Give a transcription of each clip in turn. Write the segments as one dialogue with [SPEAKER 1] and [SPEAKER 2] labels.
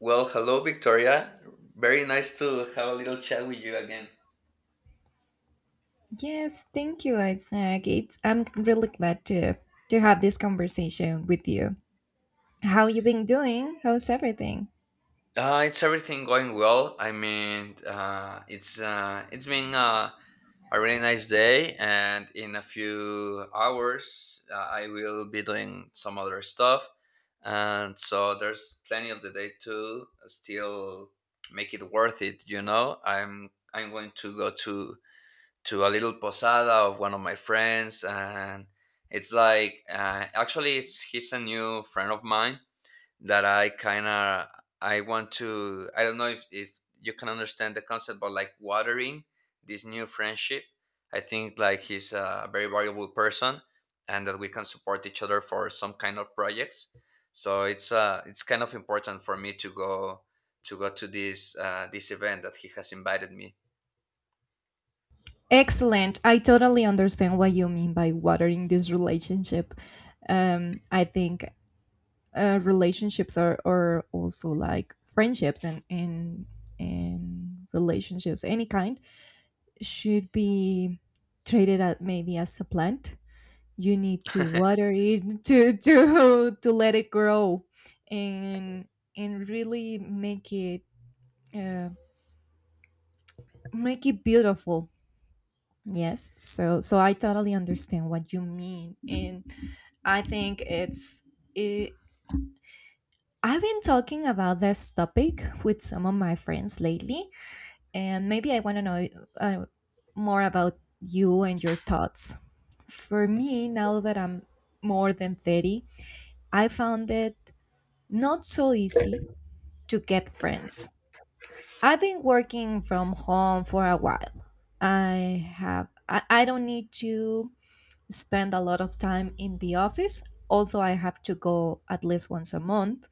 [SPEAKER 1] Well, hello, Victoria. Very nice to have a little chat with you again.
[SPEAKER 2] Yes, thank you, Isaac. I'm really glad to have this conversation with you. How you been doing? How's everything?
[SPEAKER 1] It's everything going well. I mean, it's been A really nice day, and in a few hours, I will be doing some other stuff, and so there's plenty of the day to still make it worth it. You know, I'm going to go to a little posada of one of my friends. And it's like actually it's he's a new friend of mine that I kind of I want to, I don't know if, you can understand the concept, but like watering this new friendship. I think like he's a very valuable person and that we can support each other for some kind of projects, so it's kind of important for me to go to this event that he has invited me.
[SPEAKER 2] Excellent. I totally understand what you mean by watering this relationship. I think relationships are also like friendships and relationships, any kind, should be treated at maybe as a plant you need to water it to let it grow and and really uh, make it beautiful. Yes, so I totally understand what you mean, and I think it, I've been talking about this topic with some of my friends lately, and maybe I want to know uh, more about you and your thoughts. For me now that I'm more than 30, I found it not so easy to get friends. I've been working from home for a while. I don't need to spend a lot of time in the office, although I have to go at least once a month,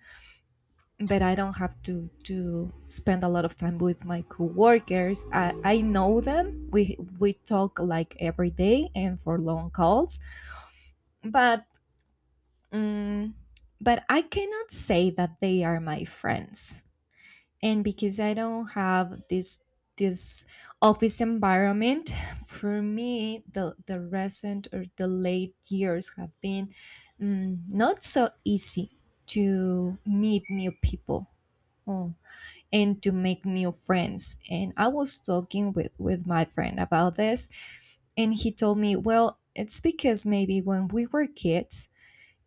[SPEAKER 2] but I don't have to spend a lot of time with my coworkers. I know them. We talk like every day and for long calls, but um, but I cannot say that they are my friends. And because I don't have this office environment, for me the recent or the late years have been, not so easy to meet new people. oh, and to make new friends. And I was talking with my friend about this, and he told me, well, it's because maybe when we were kids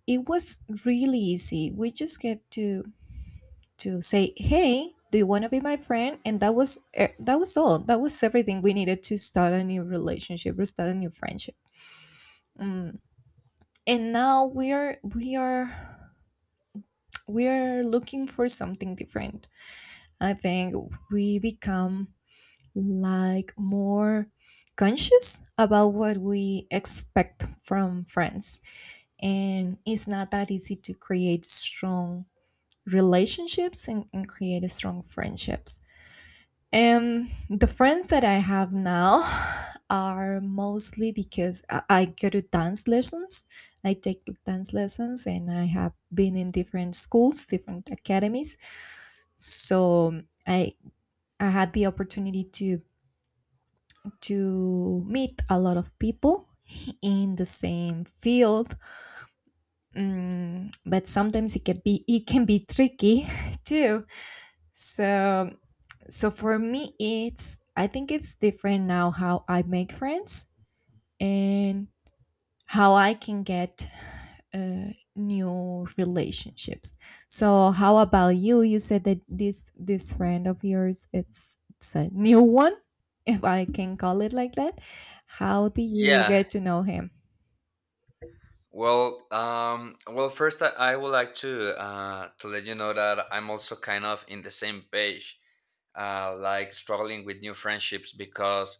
[SPEAKER 2] it was really easy. We just get to say, "Hey, do you want to be my friend?" And that was all. That was everything we needed to start a new relationship or start a new friendship. Mm, and now we are looking for something different. I think we become like more conscious about what we expect from friends, and it's not that easy to create strong relationships, and create strong friendships. And the friends that I have now are mostly because I go to dance lessons. I take dance lessons, and I have been in different schools, different academies. So I I had the opportunity to meet a lot of people in the same field. But sometimes it can be tricky too. So, so for me, I think it's different now how I make friends and how I can get new relationships. So how about you? You said that this friend of yours, it's a new one, if I can call it like that. How do you
[SPEAKER 1] Yeah.
[SPEAKER 2] get to know him?
[SPEAKER 1] Well, first I would like to let you know that I'm also kind of in the same page, like struggling with new friendships. Because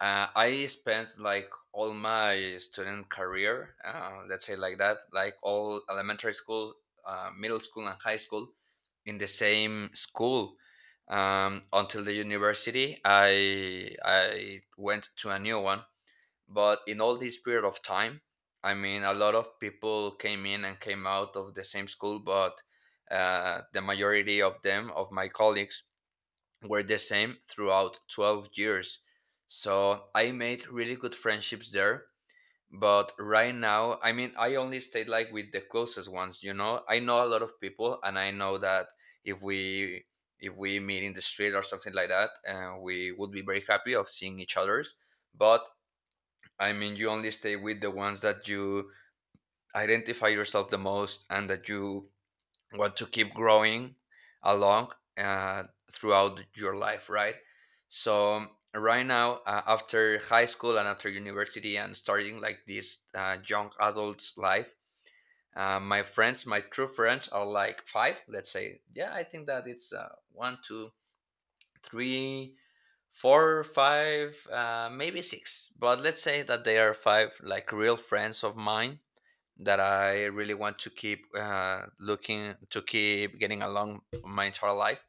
[SPEAKER 1] I spent like all my student career, let's say like that, like all elementary school, middle school, and high school in the same school, until the university. I went to a new one. But in all this period of time, I mean, a lot of people came in and came out of the same school, but the majority of them of my colleagues were the same throughout 12 years, so I made really good friendships there. But right now, I mean, I only stayed like with the closest ones. You know, I know a lot of people, and I know that if we if we meet in the street or something like that, we would be very happy of seeing each others. But I mean, you only stay with the ones that you identify yourself the most, and that you want to keep growing along, throughout your life, right? So, right now, after high school and after university and starting like this young adult's life, my friends, my true friends, are like five. Let's say, yeah, I think that it's one, two, three, four, five, maybe six. But let's say that they are five like real friends of mine that I really want to keep looking to keep getting along my entire life.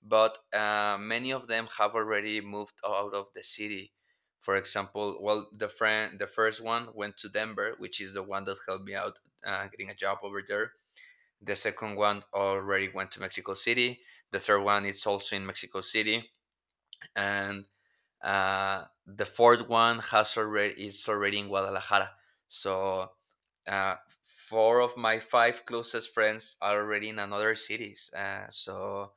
[SPEAKER 1] But many of them have already moved out of the city. For example, well, the friend, the first one went to Denver, which is the one that helped me out getting a job over there. The second one already went to Mexico City. The third one is also in Mexico City, and the fourth one has already is already in Guadalajara. So, uh, four of my five closest friends are already in another cities. So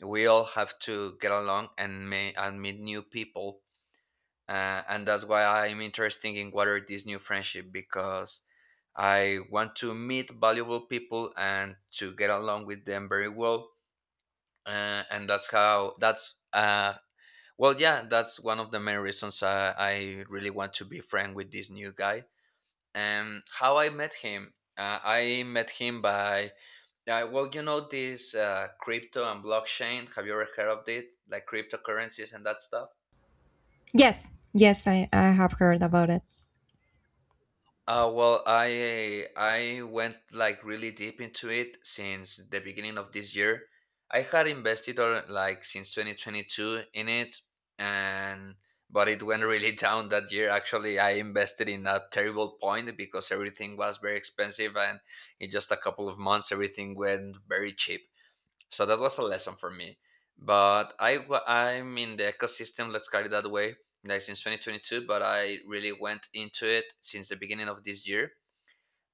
[SPEAKER 1] we all have to get along and meet new people. And that's why I'm interested in what are this new friendship, because I want to meet valuable people and to get along with them very well. And that's how that's well, yeah, That's one of the main reasons I really want to be friend with this new guy. And how I met him by, well, you know, this crypto and blockchain. Have you ever heard of it? Like cryptocurrencies and that stuff?
[SPEAKER 2] Yes, yes, I have heard about it.
[SPEAKER 1] Well, I went like really deep into it since the beginning of this year. I had invested or like since 2022 in it, and but it went really down that year. Actually, I invested in a terrible point because everything was very expensive, and in just a couple of months, everything went very cheap. So that was a lesson for me. But I'm in the ecosystem, let's call it that way, like since 2022, but I really went into it since the beginning of this year.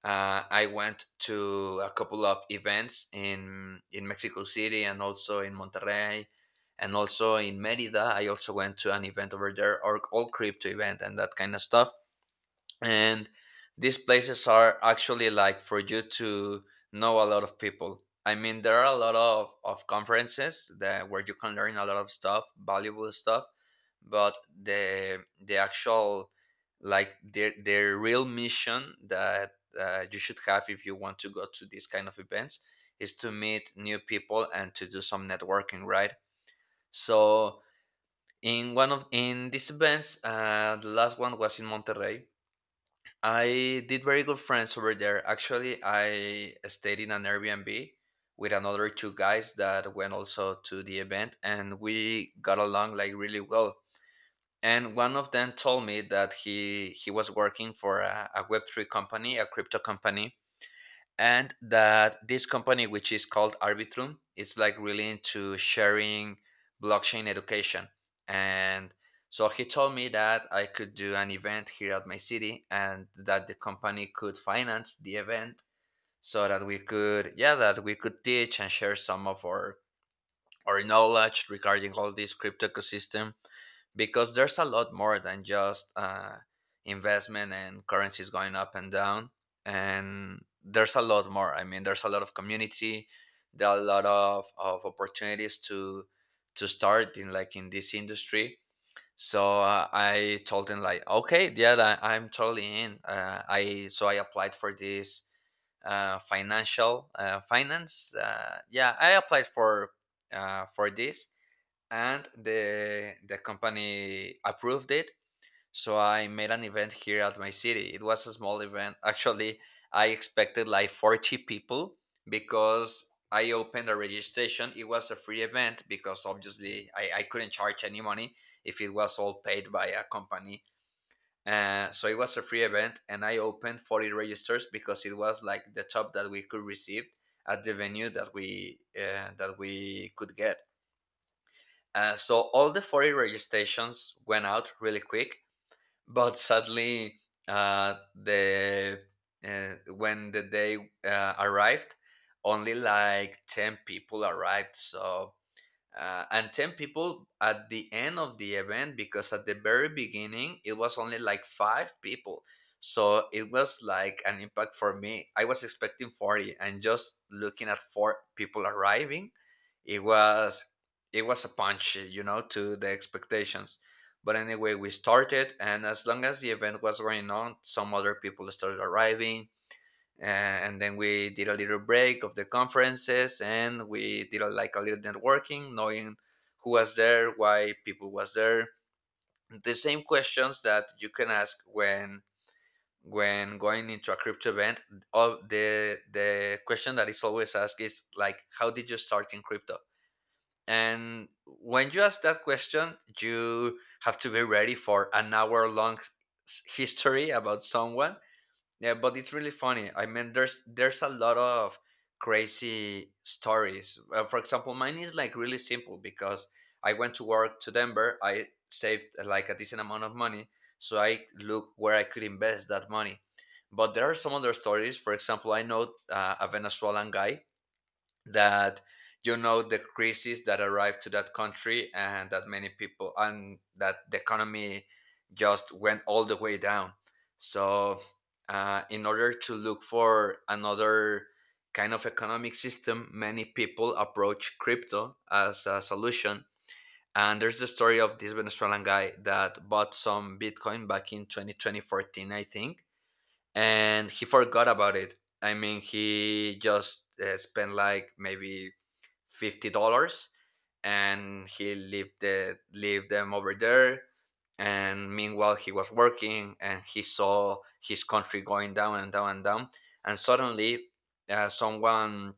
[SPEAKER 1] I went to a couple of events in Mexico City and also in Monterrey, and also in Merida. I also went to an event over there, or all crypto event and that kind of stuff. And these places are actually like for you to know a lot of people. I mean, there are a lot of conferences that where you can learn a lot of stuff, valuable stuff. But the actual, like their real mission that you should have if you want to go to these kind of events, is to meet new people and to do some networking, right? So, in one of in these events, the last one was in Monterrey, I did very good friends over there. Actually, I stayed in an Airbnb with another two guys that went also to the event, and we got along like really well. And one of them told me that he was working for a Web three company, a crypto company, and that this company, which is called Arbitrum, it's like really into sharing blockchain education. And so he told me that I could do an event here at my city, and that the company could finance the event, so that we could, yeah, that we could teach and share some of our or knowledge regarding all this crypto ecosystem. Because there's a lot more than just investment and currencies going up and down. And there's a lot more. I mean, there's a lot of community, there are a lot of opportunities to start in like in this industry. So, I told them like, okay, yeah, I'm totally in. Uh, i so I applied for this financial finance. Yeah, I applied for this, and the company approved it. So I made an event here at my city. It was a small event. Actually, I expected like 40 people, because I opened a registration. It was a free event, because obviously I couldn't charge any money if it was all paid by a company. So it was a free event, and I opened 40 registers because it was like the top that we could receive at the venue that we could get. So all the 40 registrations went out really quick. But sadly, the when the day arrived, only like 10 people arrived. So, and 10 people at the end of the event, because at the very beginning it was only like five people. So it was like an impact for me. I was expecting 40, and just looking at four people arriving, it was it was a punch, you know, to the expectations. But anyway, we started, and as long as the event was going on, some other people started arriving. And then we did a little break of the conferences, and we did a, like a little networking, knowing who was there, why people was there. The same questions that you can ask when going into a crypto event. All the question that is always asked is like, how did you start in crypto? And when you ask that question, you have to be ready for an hour long history about someone. Yeah, but it's really funny. I mean, there's a lot of crazy stories. For example, mine is like really simple, because I went to work to Denver. I saved like a decent amount of money, so I look where I could invest that money. But there are some other stories. For example, I know a Venezuelan guy that, you know, the crisis that arrived to that country, and that many people, and that the economy just went all the way down. So, in order to look for another kind of economic system, many people approach crypto as a solution. And there's the story of this Venezuelan guy that bought some bitcoin back in twenty twenty fourteen, I think, and he forgot about it. I mean, he just spent like maybe $50, and he lived lived them over there. And meanwhile, he was working, and he saw his country going down and down and down. And suddenly, uh, someone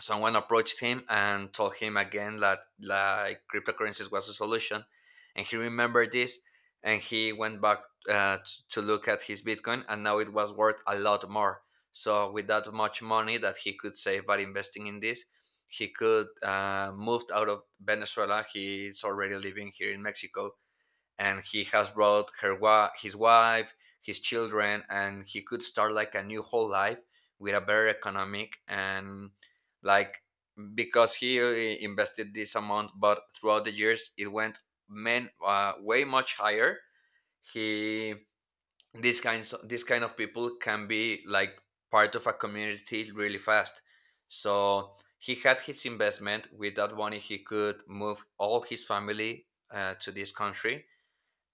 [SPEAKER 1] someone approached him and told him again that like cryptocurrencies was a solution. And he remembered this, and he went back, uh, t- to look at his bitcoin, and now it was worth a lot more. So with that much money that he could save by investing in this, he could moved out of Venezuela. He's already living here in Mexico, and he has his wife, his children, and he could start like a new whole life with a better economic and, like, because he invested this amount, but throughout the years it went men way much higher. He These kind of people can be like part of a community really fast. So he had his investment. With that money he could move all his family to this country,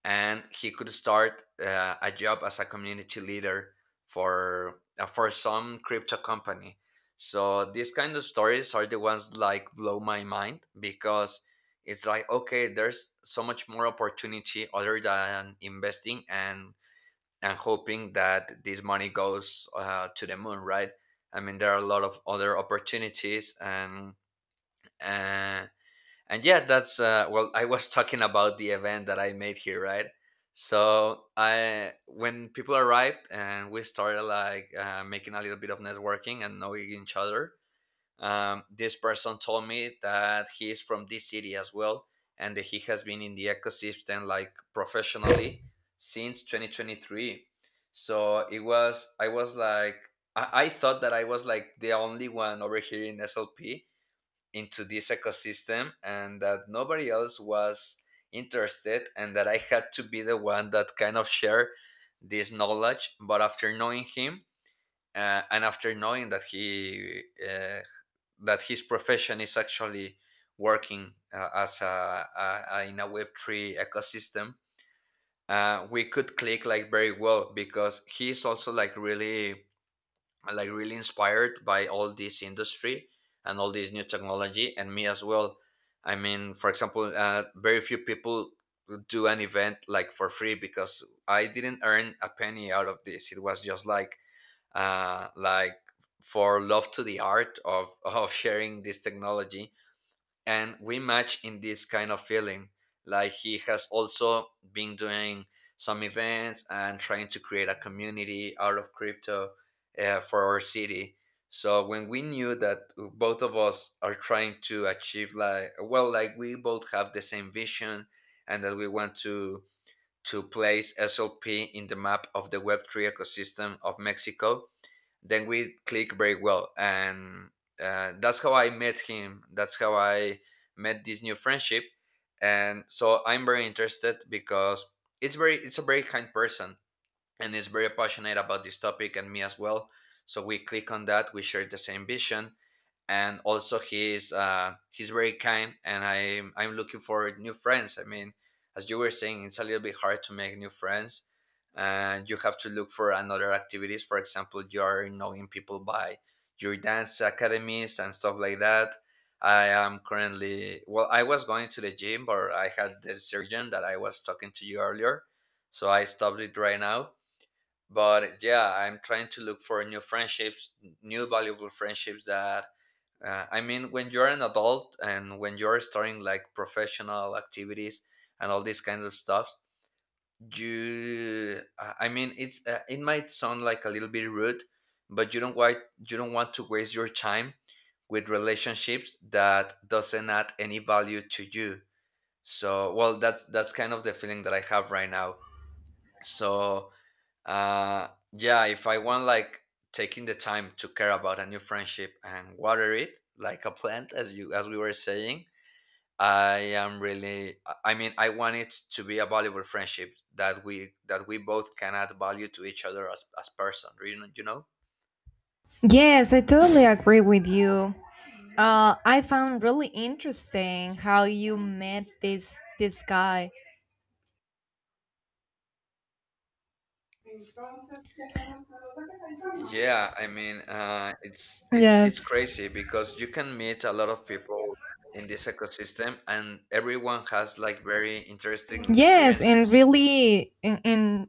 [SPEAKER 1] and he could start a job as a community leader for some crypto company. So these kind of stories are the ones like blow my mind, because it's like, okay, there's so much more opportunity other than investing and hoping that this money goes to the moon, right? I mean, there are a lot of other opportunities Uh, and yeah, that's well, I was talking about the event that I made here, right? So I when people arrived and we started like making a little bit of networking and knowing each other, this person told me that he is from this city as well, and that he has been in the ecosystem like professionally since 2023. So it was, I was like, I thought that I was like the only one over here in SLP into this ecosystem, and that nobody else was interested, and that I had to be the one that kind of share this knowledge. But after knowing him, and after knowing that he that his profession is actually working as a in a web3 ecosystem, we could click like very well, because he's also like really, I'm like really inspired by all this industry and all this new technology, and me as well. I mean, for example, very few people do an event like for free, because I didn't earn a penny out of this. It was just like uh like for love to the art of of sharing this technology, and we match in this kind of feeling. Like, he has also been doing some events and trying to create a community out of crypto for our city. So when we knew that both of us are trying to achieve, like, well, like we both have the same vision and that we want to place SLP in the map of the web3 ecosystem of Mexico, then we click very well. And that's how I met him, that's how I met this new friendship. And so I'm very interested, because it's very, it's a very kind person, and is very passionate about this topic, and me as well. So we click on that, we share the same vision. And also he's very kind, and I'm looking for new friends. I mean, as you were saying, it's a little bit hard to make new friends, and you have to look for another activities. For example, you are knowing people by your dance academies and stuff like that. I am currently, well, I was going to the gym, but I had the surgeon that I was talking to you earlier, so I stopped it right now. But yeah, I'm trying to look for new friendships, new valuable friendships that I mean, when you're an adult and when you're starting like professional activities and all these kinds of stuff, I mean, it might sound like a little bit rude, but you don't want to waste your time with relationships that doesn't add any value to you. So, well, that's kind of the feeling that I have right now. So, uh, yeah, if I want, like, taking the time to care about a new friendship and water it like a plant, as you as we were saying, I am really, I mean, I want it to be a valuable friendship, that we both can add value to each other as person. You know,
[SPEAKER 2] Yes, I totally agree with you. I found really interesting how you met this guy.
[SPEAKER 1] Yeah, I mean, it's
[SPEAKER 2] Yes.
[SPEAKER 1] crazy, because you can meet a lot of people in this ecosystem, and everyone has like very interesting
[SPEAKER 2] Yes, and
[SPEAKER 1] experiences.
[SPEAKER 2] really, and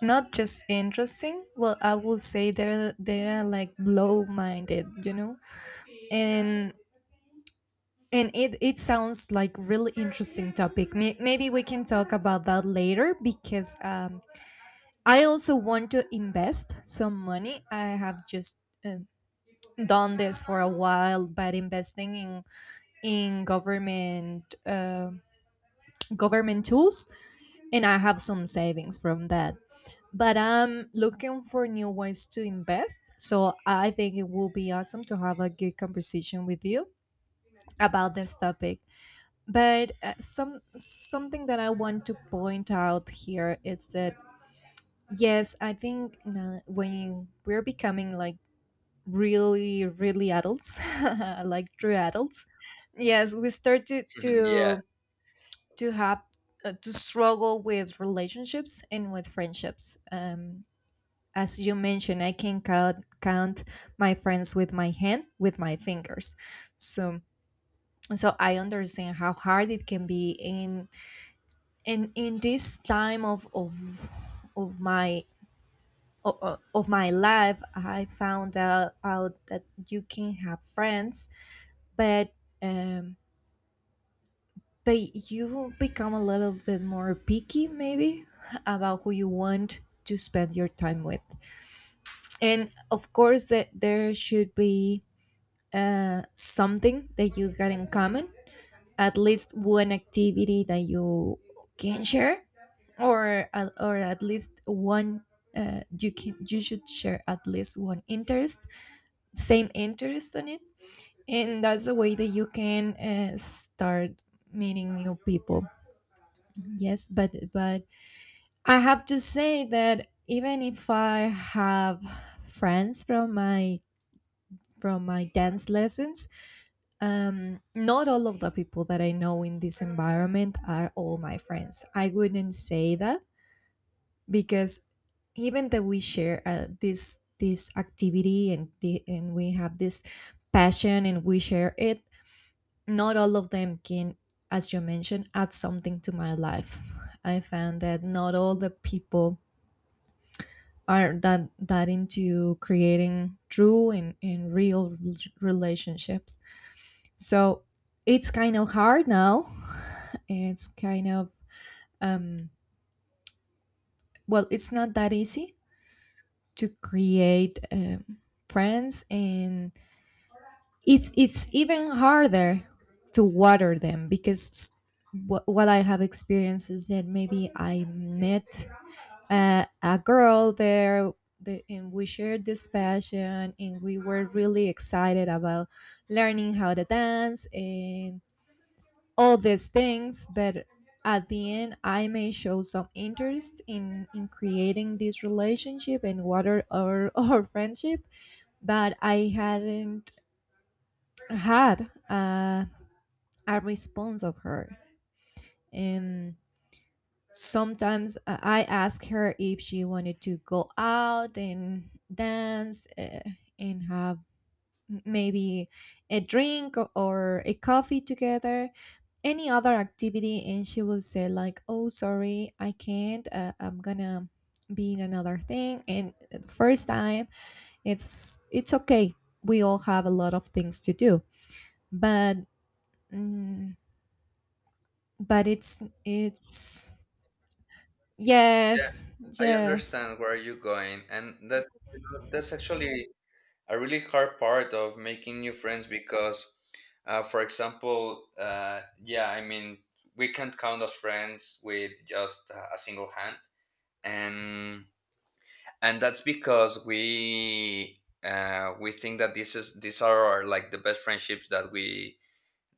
[SPEAKER 2] not just interesting. Well, I would say they're like blow minded, you know, and and it sounds like really interesting topic. Maybe we can talk about that later, because I also want to invest some money. I have just um, done this for a while, but investing in government government tools, and I have some savings from that. But I'm looking for new ways to invest, so I think it will be awesome to have a good conversation with you about this topic. But something that I want to point out here is that yes, I think when we're becoming like really adults, like true adults, yes we start
[SPEAKER 1] Yeah,
[SPEAKER 2] to have to struggle with relationships and with friendships. As you mentioned, I can count my friends with my hand, with my fingers. So, so I understand how hard it can be in in this time of my of my life. I found out that you can have friends, but um, but you become a little bit more picky maybe about who you want to spend your time with, and of course that there should be something that you got in common, at least one activity that you can share, or at least one you should share at least one interest, same interest on it, and that's the way that you can start meeting new people. Yes, but I have to say that even if I have friends from my dance lessons, not all of the people that I know in this environment are all my friends. I wouldn't say that, because even that we share this activity and we have this passion and we share it, not all of them can, as you mentioned, add something to my life. I found that not all the people are that into creating true and relationships. So it's kind of hard now. It's kind of um well, it's not that easy to create friends, and it's even harder to water them, because what I have experienced is that maybe I met a girl there, and we shared this passion and we were really excited about learning how to dance and all these things, but at the end I may show some interest in creating this relationship and what are our, our friendship, but I hadn't had a response of her. And sometimes I ask her if she wanted to go out and dance and have maybe a drink or a coffee together, any other activity, and she will say like, "Oh, sorry, I can't. I'm gonna be in another thing." And the first time, it's okay. We all have a lot of things to do, but mm, but it's yes,
[SPEAKER 1] I
[SPEAKER 2] yes,
[SPEAKER 1] understand where you're going, and that, you know, that's actually a really hard part of making new friends, because, for example, yeah, I mean, we can't count as friends with just a single hand, and and that's because we think that this is, these are our, like the best friendships that we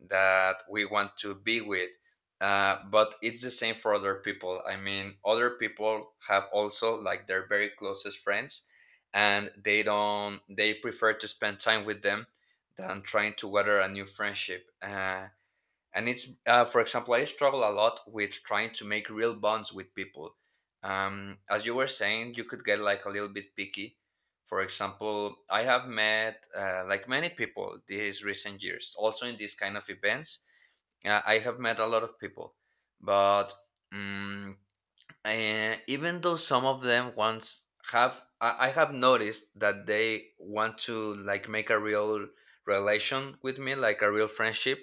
[SPEAKER 1] that we want to be with. But it's the same for other people. I mean, other people have also like their very closest friends, and they don't. They prefer to spend time with them than trying to weather a new friendship. And it's for example, I struggle a lot with trying to make real bonds with people. As you were saying, you could get like a little bit picky. For example, I have met like many people these recent years, also in these kind of events. I have met a lot of people, but um, even though some of them once have I have noticed that they want to like make a real relation with me, like a real friendship,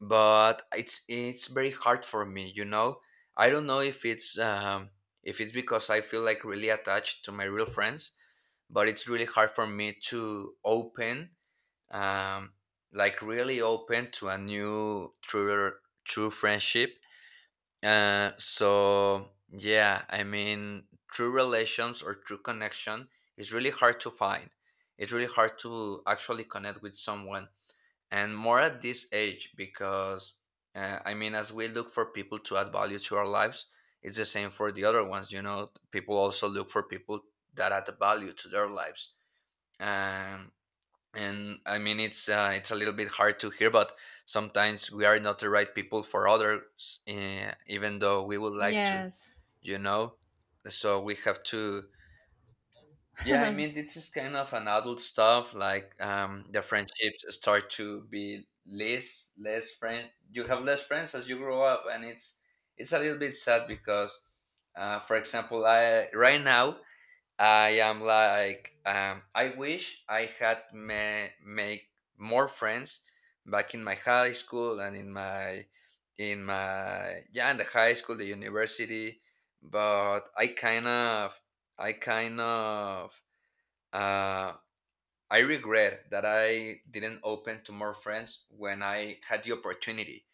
[SPEAKER 1] but it's very hard for me, you know. I don't know if it's because I feel like really attached to my real friends, but it's really hard for me to open, um like really open to a new true true friendship. So yeah, I mean, true relations or true connection is really hard to find. It's really hard to actually connect with someone, and more at this age, because I mean, as we look for people to add value to our lives, it's the same for the other ones, you know. People also look for people that add value to their lives. um, and I mean, it's a little bit hard to hear, but sometimes we are not the right people for others, even though we would like to,
[SPEAKER 2] yes.
[SPEAKER 1] you know. So we have to, yeah, I mean, this is kind of an adult stuff. Like, the friendships start to be less, less friend. You have less friends as you grow up, and it's a little bit sad, because, for example, I right now I am like, I wish I had ma- make more friends back in my high school and in my yeah, in the high school, the university, but I kind of uh, I regret that I didn't open to more friends when I had the opportunity,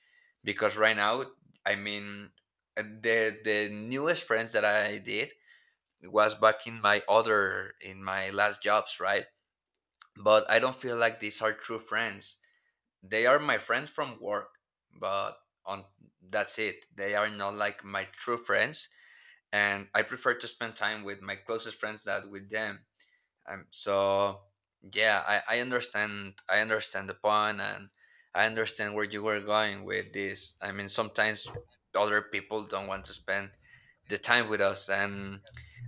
[SPEAKER 1] because right now, I mean, the newest friends that I did was back in my other, in my last jobs, right? But I don't feel like these are true friends. They are my friends from work, but on that's it. They are not like my true friends, and I prefer to spend time with my closest friends than with them. So yeah, I understand, the point, and I understand where you were going with this. I mean, sometimes other people don't want to spend the time with us, and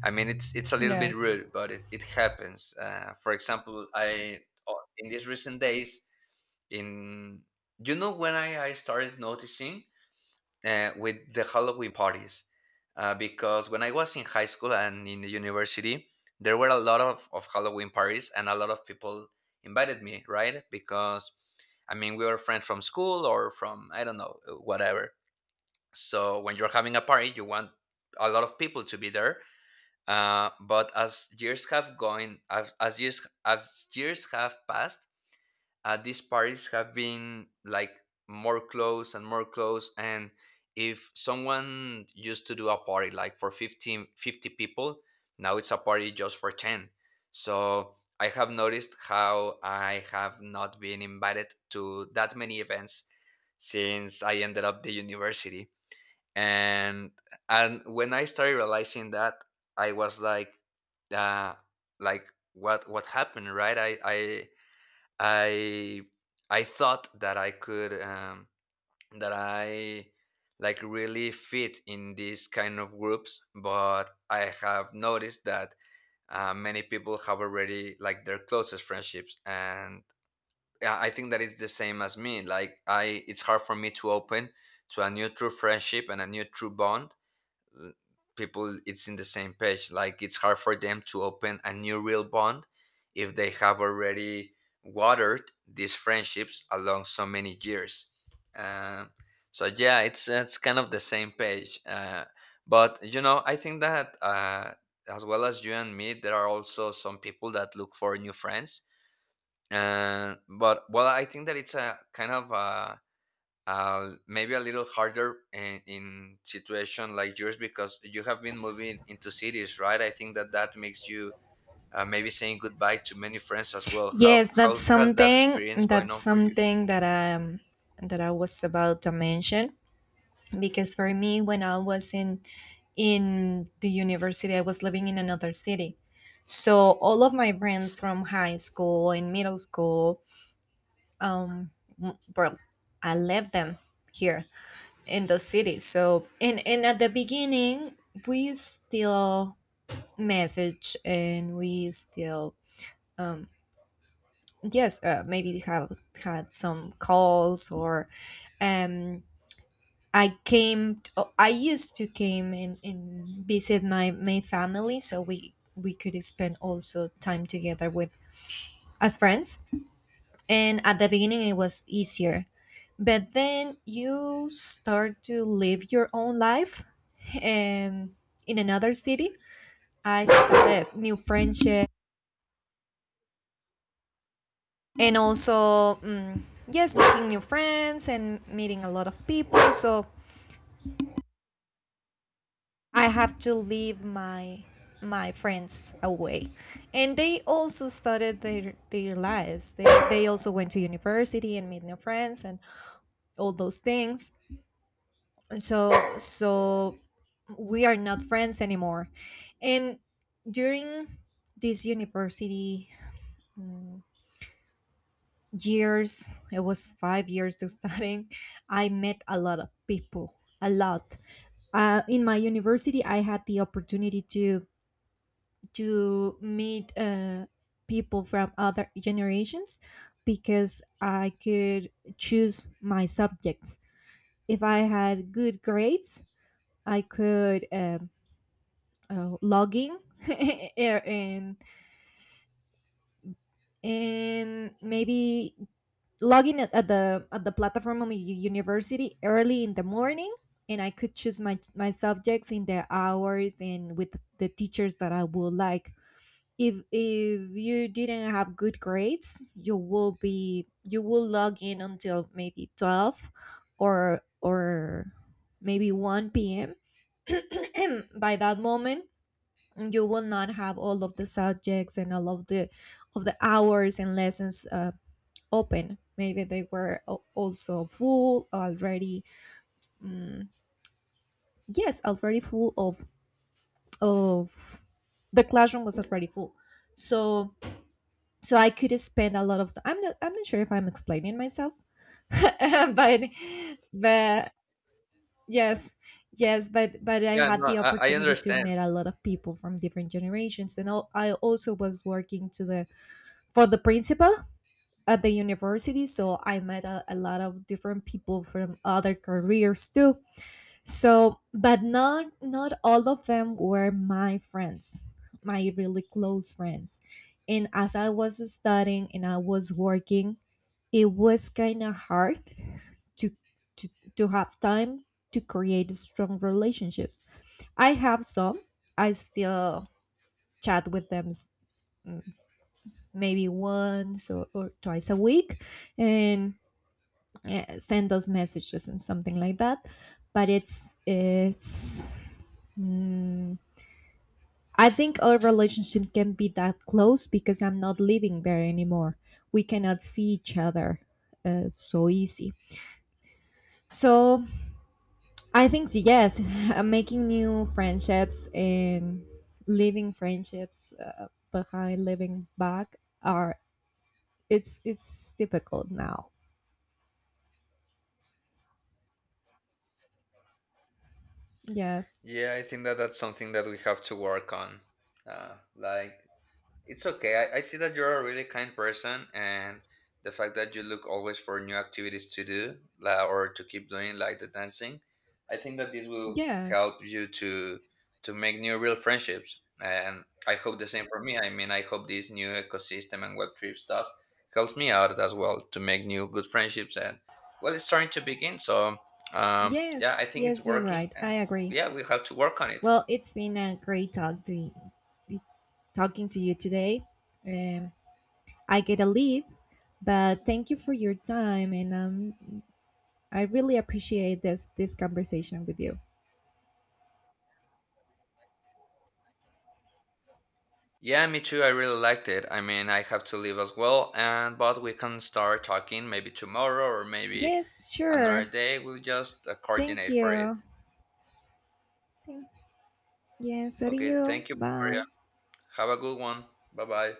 [SPEAKER 1] I mean, it's a little bit
[SPEAKER 2] Yes.
[SPEAKER 1] rude, but it happens. For example, in these recent days, in you know, when I started noticing with the Halloween parties. Because when I was in high school and in the university, there were a lot of Halloween parties, and a lot of people invited me, right? Because, I mean, we were friends from school, or from, I don't know, whatever. So when you're having a party, you want a lot of people to be there. But as years have gone, as, as years have passed, these parties have been like more close and more close. And if someone used to do a party like for 15, 50 people, now it's a party just for 10. So I have noticed how I have not been invited to that many events since I ended up the university. and and when I started realizing that, I was like, uh what happened, right? I I I thought that I could, that I like really fit in these kind of groups, but I have noticed that many people have already like their closest friendships, and I think that it's the same as me. Like, it's hard for me to open to a new true friendship and a new true bond. l- People, it's in the same page. Like, it's hard for them to open a new real bond if they have already watered these friendships along so many years. Uh, so yeah, it's kind of the same page. But you know, I think that as well as you and me, there are also some people that look for new friends. But well, I think that it's a kind of a maybe a little harder in situation like yours, because you have been moving into cities, right? I think that that makes you maybe saying goodbye to many friends as well.
[SPEAKER 2] Yes,
[SPEAKER 1] How
[SPEAKER 2] that's
[SPEAKER 1] has that experience going on for you?
[SPEAKER 2] something that that I was about to mention, because for me when I was in the university I was living in another city. So all of my friends from high school and middle school um well, I left them here in the city. So and at the beginning we still message and we still um yes, maybe they have had some calls or um, I I used to came and visit my my family, so we could spend also time together with as friends. And at the beginning, it was easier, but then you start to live your own life, and in another city, I started new friendships and also yes making new friends and meeting a lot of people, so I have to leave my my friends away, and they also started their lives. They also went to university and made new friends and all those things. So so we are not friends anymore. And during this university mm, years, it was 5 years of studying. I met a lot of people, a lot. In my university I had the opportunity to meet people from other generations, because I could choose my subjects. If I had good grades, I could log in in, and maybe logging at the platform of my university early in the morning, and I could choose my my subjects in the hours and with the teachers that I would like. If you didn't have good grades, you will log in until maybe 12, or maybe 1 p.m. By that moment, you will not have all of the subjects and all of the hours and lessons open. Maybe they were also full already. mm, yes, already full of of the classroom was already full. So so I could spend a lot of time. I'm not sure if I'm explaining myself, but but yes. Yes, but I
[SPEAKER 1] Yeah,
[SPEAKER 2] had
[SPEAKER 1] no,
[SPEAKER 2] the
[SPEAKER 1] I
[SPEAKER 2] opportunity to
[SPEAKER 1] understand.
[SPEAKER 2] meet a lot of people from different generations, and I also was working to the for the principal at the university, so I met a lot of different people from other careers too. So but not all of them were my friends, my really close friends. And as I was studying and I was working, it was kind of hard to, to to have time to create strong relationships. I have some I still chat with them, maybe once or twice a week, and send those messages and something like that. But it's mm, I think our relationship can be that close, because I'm not living there anymore. We cannot see each other so easy. So I think yes, making new friendships and leaving friendships behind, living back, are it's difficult now. Yes,
[SPEAKER 1] Yeah, I think that that's something that we have to work on. Uh, like It's okay. I see that you're a really kind person, and the fact that you look always for new activities to do, or to keep doing, like the dancing, I think that this will
[SPEAKER 2] yes,
[SPEAKER 1] help you to make new real friendships. And I hope the same for me. I mean, I hope this new ecosystem and web trip stuff helps me out as well to make new good friendships. And well, it's starting to begin. So yeah, I think it's
[SPEAKER 2] yes, you're
[SPEAKER 1] working,
[SPEAKER 2] right. I
[SPEAKER 1] and
[SPEAKER 2] agree.
[SPEAKER 1] yeah, we have to work on it.
[SPEAKER 2] Well, it's been a great talk to y- be talking to you today. Um, I get a leave, but thank you for your time, and I really appreciate this conversation with you.
[SPEAKER 1] Yeah, me too. I really liked it. I mean, I have to leave as well, and but we can start talking maybe tomorrow or maybe
[SPEAKER 2] Yes,
[SPEAKER 1] another
[SPEAKER 2] sure.
[SPEAKER 1] day. We'll just
[SPEAKER 2] Thank
[SPEAKER 1] coordinate for it.
[SPEAKER 2] you. Thank- Yes, so do
[SPEAKER 1] Okay,
[SPEAKER 2] you?
[SPEAKER 1] thank you, Victoria.
[SPEAKER 2] Bye.
[SPEAKER 1] Have a good one. Bye bye.